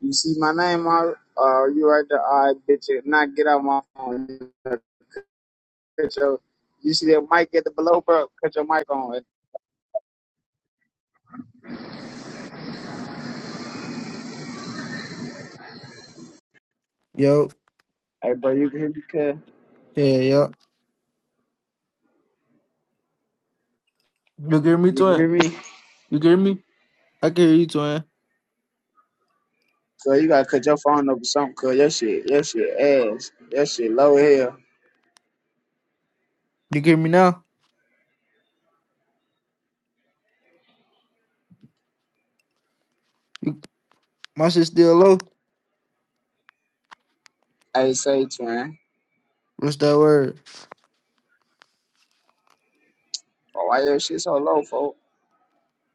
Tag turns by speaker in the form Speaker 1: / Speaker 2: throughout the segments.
Speaker 1: You see my name out? Uh, you right there? All right, bitch. Not get out my phone. Cut your, you see that mic at the below, bro? Cut your mic on.
Speaker 2: Yo,
Speaker 1: Hey, bro, you can hear me, cuz?
Speaker 2: yeah, yo. You hear me,
Speaker 1: You can hear
Speaker 2: twin?
Speaker 1: me?
Speaker 2: You hear me? I can hear you, twin.
Speaker 1: Cuz you gotta cut your phone up or something, cuz your shit, your shit ass. Your shit low here.
Speaker 2: You hear me now? My shit still low.
Speaker 1: Hey, say, twin.
Speaker 2: What's that word?
Speaker 1: Oh, why your shit so low, folk?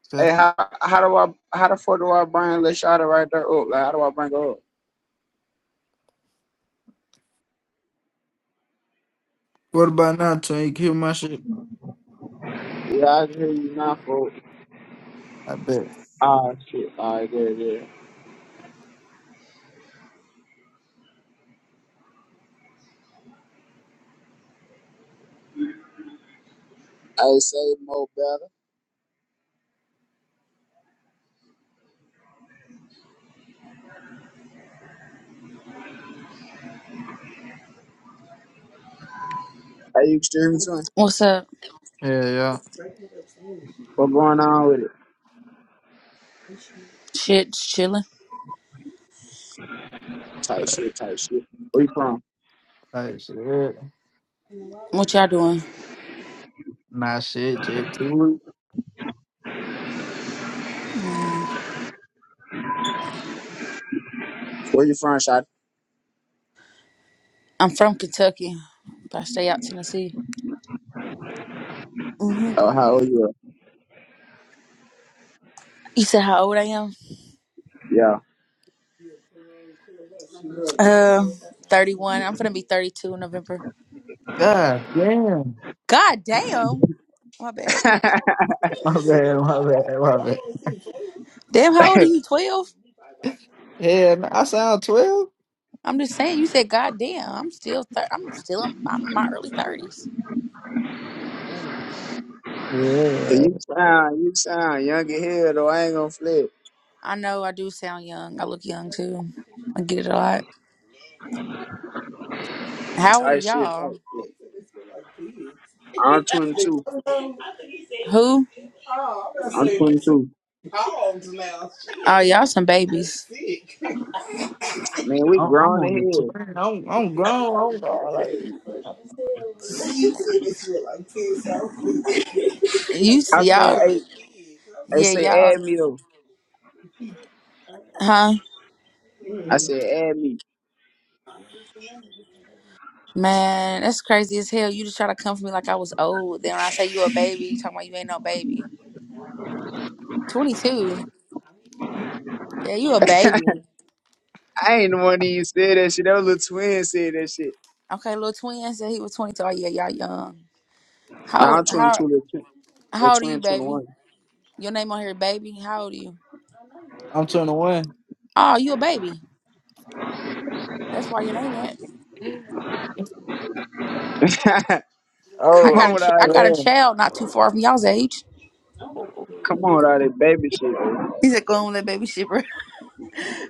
Speaker 2: Say,
Speaker 1: Hey, how, how do I, how the fuck do I bring this Lashada right there up? Like, how do I bring her up?
Speaker 2: What about now, twin? You can hear my shit?
Speaker 1: Yeah, I can hear you now, folk.
Speaker 2: I bet.
Speaker 1: Ah, shit. All right, good, good. Hey, say more better. Hey, you can hear me, twin?
Speaker 3: What's up?
Speaker 2: Yeah, yeah.
Speaker 1: What going on with it?
Speaker 3: Shit, just chilling.
Speaker 1: Tight
Speaker 2: Alright,
Speaker 1: shit, tight shit. Where you from?
Speaker 2: alright, shit.
Speaker 3: What y'all doing?
Speaker 2: Nah, shit, just cool.
Speaker 3: Mm,
Speaker 1: Where you from, shot?
Speaker 3: I'm from Kentucky, but I stay out Tennessee. hmm
Speaker 1: Oh, how old you? Are?
Speaker 3: You said how old I am?
Speaker 1: Yeah.
Speaker 3: Uh, 31. I'm gonna be 32 in November.
Speaker 2: God damn.
Speaker 3: God damn. My bad.
Speaker 2: My bad, my bad, my bad.
Speaker 3: Damn, how old are you? 12?
Speaker 2: Yeah, man, I sound 12?
Speaker 3: I'm just saying. You said God damn. I'm still. Thir- I'm still. In- I'm in my early 30s.
Speaker 2: Yeah.
Speaker 1: you sound, you sound young as hell though. I ain't gonna flip.
Speaker 3: I know I do sound young. I look young too. I get it a lot. How old are
Speaker 1: Tight shit, tight
Speaker 3: y'all?
Speaker 1: shit. I'm 22.
Speaker 3: Who?
Speaker 1: I'm 22.
Speaker 3: Oh, y'all some babies.
Speaker 1: Man, we
Speaker 2: I'm, I'm
Speaker 1: grown as
Speaker 2: on the
Speaker 1: hell.
Speaker 2: 12. I'm, I'm grown. I'm, grown, like,
Speaker 3: You s-
Speaker 1: I'm saying,
Speaker 3: y'all,
Speaker 1: hey, they
Speaker 3: yeah,
Speaker 1: say
Speaker 3: y'all,
Speaker 1: add me though.
Speaker 3: huh?
Speaker 1: I said add me.
Speaker 3: Man, that's crazy as hell. You just try to come for me like I was old. Then when I say you a baby, you talking about you ain't no baby. Twenty two. Yeah, you a
Speaker 1: I
Speaker 3: baby.
Speaker 1: ain't the one that even said that shit. That was little twin said that shit.
Speaker 3: Okay, little twin said he was twenty two. Oh yeah, y'all young. How
Speaker 1: Nah,
Speaker 3: old-
Speaker 1: I'm
Speaker 3: how
Speaker 1: 22, little twin, little
Speaker 3: how old are you,
Speaker 1: twin
Speaker 3: baby?
Speaker 1: 21.
Speaker 3: Your name on here, baby. How old are you?
Speaker 2: I'm 21.
Speaker 3: Oh, you a baby. That's why your name that. I
Speaker 1: Come
Speaker 3: got
Speaker 2: Oh,
Speaker 1: on
Speaker 3: a
Speaker 1: with
Speaker 3: ch- I
Speaker 1: all that.
Speaker 3: got a
Speaker 2: man.
Speaker 3: child not too far from y'all's age.
Speaker 1: Come on with all that baby shit, though.
Speaker 3: He's like, go on with that baby shit,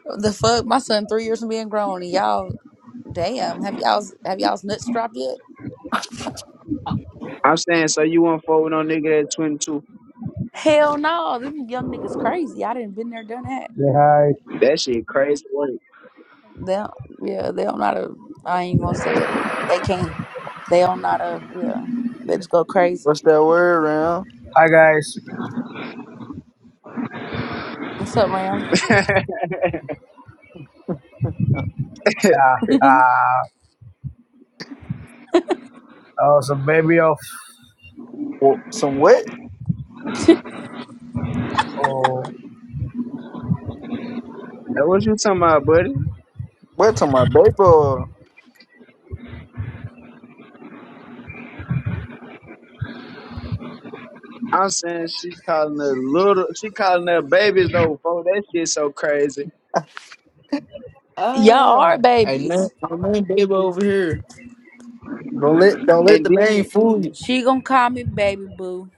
Speaker 3: The fuck, my son three years from being grown, and y'all, damn, have y'all have y'all's nuts dropped yet?
Speaker 1: I'm saying, so you won't fold with no nigga at 22.
Speaker 3: Hell no, them young niggas crazy. I didn't been there, done that.
Speaker 4: Say hi.
Speaker 1: That shit crazy work.
Speaker 3: They, don't, yeah, they don't not a. I ain't gonna say it, but they can't. They don't not a. Yeah, they just go crazy.
Speaker 2: What's that word, Ram?
Speaker 4: Hi guys.
Speaker 3: What's up, Ram?
Speaker 4: Yeah. Uh, I was a baby of
Speaker 2: Well, some what?
Speaker 4: oh
Speaker 1: Now, what you talking about, buddy?
Speaker 2: What to my baby?
Speaker 1: I'm saying she calling her little, she calling her babies though, folks. That shit so crazy.
Speaker 3: y'all
Speaker 2: Ah,
Speaker 3: are
Speaker 2: I know,
Speaker 3: babies.
Speaker 2: I know, baby over here. Don't let, don't let
Speaker 1: And
Speaker 2: the
Speaker 1: then
Speaker 2: name fool you.
Speaker 3: She gonna call me baby boo,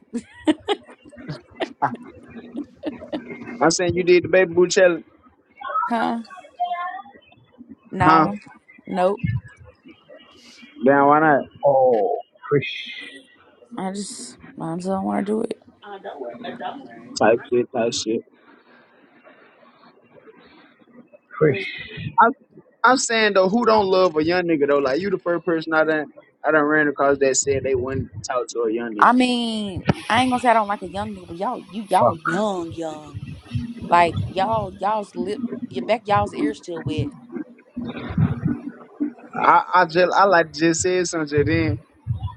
Speaker 2: Ah,
Speaker 1: I'm saying you did the baby boo challenge,
Speaker 3: huh?
Speaker 1: huh?
Speaker 3: No, nope.
Speaker 1: Then why not?
Speaker 4: oh fish
Speaker 3: I just, I just don't want to do it.
Speaker 1: Type shit, type shit.
Speaker 4: fish.
Speaker 1: I'm, I'm saying though, who don't love a young nigga though? Like you, the first person I done, I done ran across that said they wouldn't talk to a young
Speaker 3: I
Speaker 1: nigga.
Speaker 3: mean, I ain't gonna say I don't like a young nigga, but y'all, you y'all
Speaker 4: Fuck.
Speaker 3: young, young. Like y'all, y'all's lip, your back, y'all's ears still wet.
Speaker 1: I, I just, I like to just said something. Then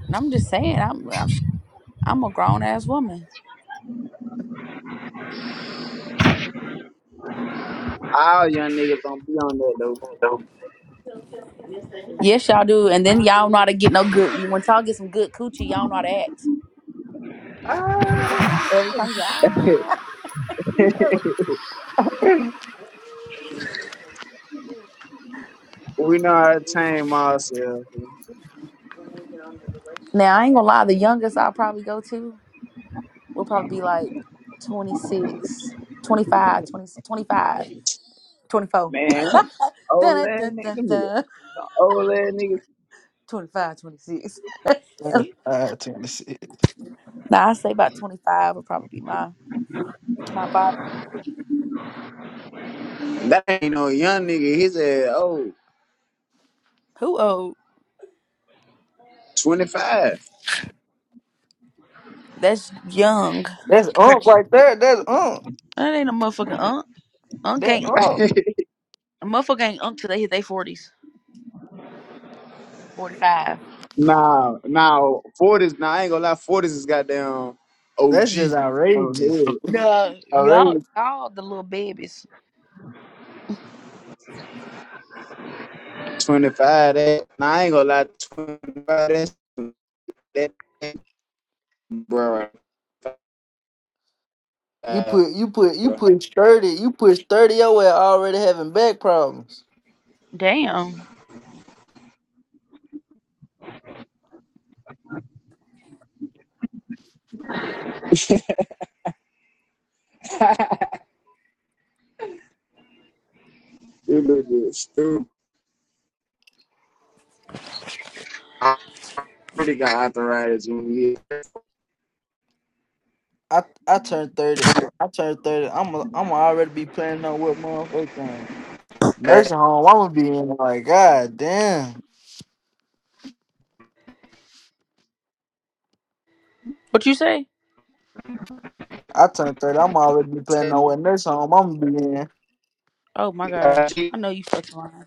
Speaker 3: And I'm just saying, I'm, I'm, I'm a grown ass woman.
Speaker 1: all young niggas don't be on that though.
Speaker 3: Yes, y'all do. And then y'all know how to get no good. Once y'all get some good coochie, y'all know how to act. Every
Speaker 2: ah.
Speaker 3: time you ah, you know.
Speaker 1: we know how to tame ourselves.
Speaker 3: Now I ain't gonna lie, the youngest I'll probably go to will probably be like twenty six, twenty five, twenty twenty 25,
Speaker 1: Man, them
Speaker 3: dun,
Speaker 1: old
Speaker 3: dun,
Speaker 1: ass
Speaker 3: dun,
Speaker 1: nigga,
Speaker 3: dun,
Speaker 1: them nigga-
Speaker 3: dun.
Speaker 1: them old ass nigga.
Speaker 3: twenty-five, twenty-six.
Speaker 2: Ah, Tennessee.
Speaker 3: Now I say about twenty five would probably be my my bottom.
Speaker 1: That ain't no young nigga. He's a old
Speaker 3: Who old?
Speaker 1: 25.
Speaker 3: That's young
Speaker 2: That's
Speaker 3: compared.
Speaker 2: unk
Speaker 3: To,
Speaker 2: right there. That's unk.
Speaker 3: that ain't a motherfucking unk. Unk
Speaker 2: That
Speaker 3: ain't
Speaker 2: unk.
Speaker 3: a motherfucker ain't unk till they hit their forties, forty five.
Speaker 1: nah, nah, 40s. Nah, I ain't gonna lie. 40s is goddamn OG.
Speaker 2: That's just
Speaker 1: Oh,
Speaker 2: outrageous.
Speaker 1: hood.
Speaker 3: No, y'all
Speaker 2: Outrageous.
Speaker 3: y'all the little babies.
Speaker 1: 25. That, nah, I ain't gonna lie. 25. That's that, that bro. right
Speaker 2: You put, you put, you
Speaker 1: bro.
Speaker 2: put thirty. You push thirty. Your ass already having back problems.
Speaker 3: Damn.
Speaker 1: you look good, stupid. I already got arthritis when
Speaker 2: I, I turned thirty. I turned thirty. I'm, a, I'm already be planning on what motherfucker. Nursing
Speaker 1: we
Speaker 2: home, I'm gonna be in like, God damn.
Speaker 3: What you say?
Speaker 2: I turned 30, I'm already be planning on what nursing home I'm gonna be in.
Speaker 3: Oh my gosh,
Speaker 1: IG.
Speaker 3: I know you fucking lying.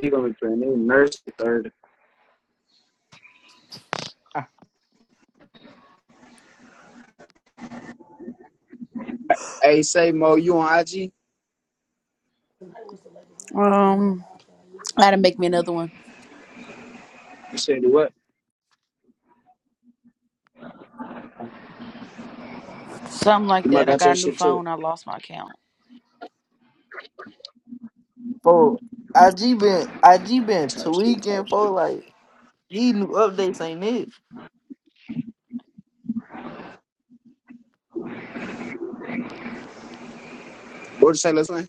Speaker 1: He gonna be putting in nurse third. Hey, say Mo, you on IG?
Speaker 3: Um, I got to make me another one.
Speaker 1: You say do what?
Speaker 3: Something like
Speaker 1: You might
Speaker 3: that. I
Speaker 1: got your
Speaker 3: got a new
Speaker 1: shit too.
Speaker 3: phone. I lost my account.
Speaker 2: For IG been IG been
Speaker 1: Type shit, type
Speaker 2: tweaking for
Speaker 1: shit.
Speaker 2: like these new updates ain't it.
Speaker 1: What you say, let's say?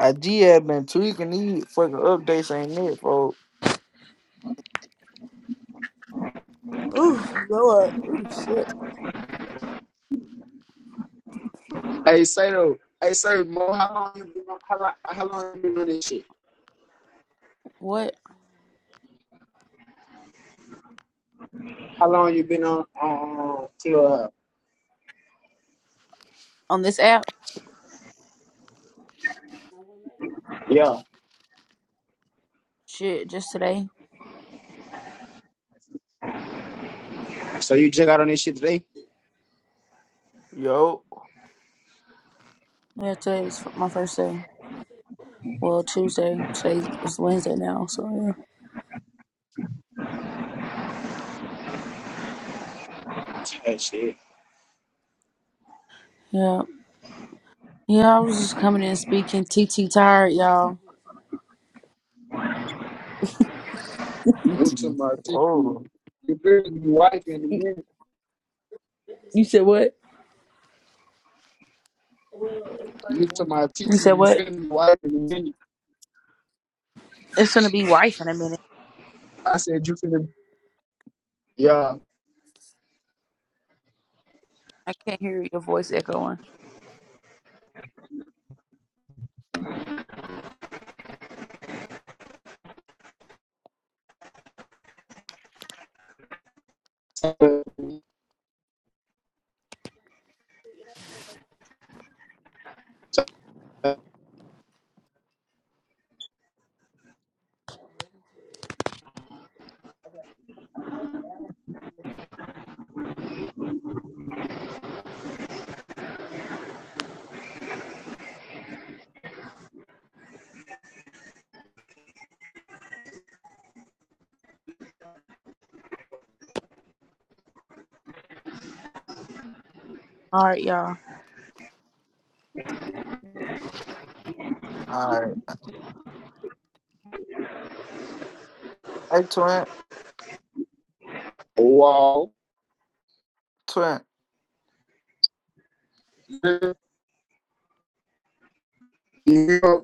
Speaker 2: IG have been tweaking these fucking updates ain't it, bro.
Speaker 3: Ooh, Lord. Ooh, shit.
Speaker 1: Hey, say though. Hey, say Mo, how long you been on? How, how long you been on this shit?
Speaker 3: What
Speaker 1: How long you been on? Um, to, uh,
Speaker 3: on this app?
Speaker 1: yeah.
Speaker 3: Shit, just today.
Speaker 1: So you just got on this shit today?
Speaker 2: Yo,
Speaker 3: Yeah, today is my first day. Well, Tuesday. Today is Wednesday now, so yeah.
Speaker 1: Type shit.
Speaker 3: Yeah. Yeah, I was just coming in speaking. T T tired, y'all.
Speaker 2: you
Speaker 1: You to
Speaker 2: too.
Speaker 1: my TT.
Speaker 2: Oh,
Speaker 1: You finna be wife in the
Speaker 3: You
Speaker 1: minute.
Speaker 3: you said what?
Speaker 1: You to my
Speaker 3: You
Speaker 1: TT.
Speaker 3: said
Speaker 1: You
Speaker 3: what?
Speaker 1: finna be wife in the minute.
Speaker 3: It's gonna be wife in a minute.
Speaker 1: I said you finna. Yeah.
Speaker 3: I can't hear your voice echoing. All right, y'all.
Speaker 2: all right. Hey, twin,
Speaker 1: Wow.
Speaker 2: twin.
Speaker 1: New York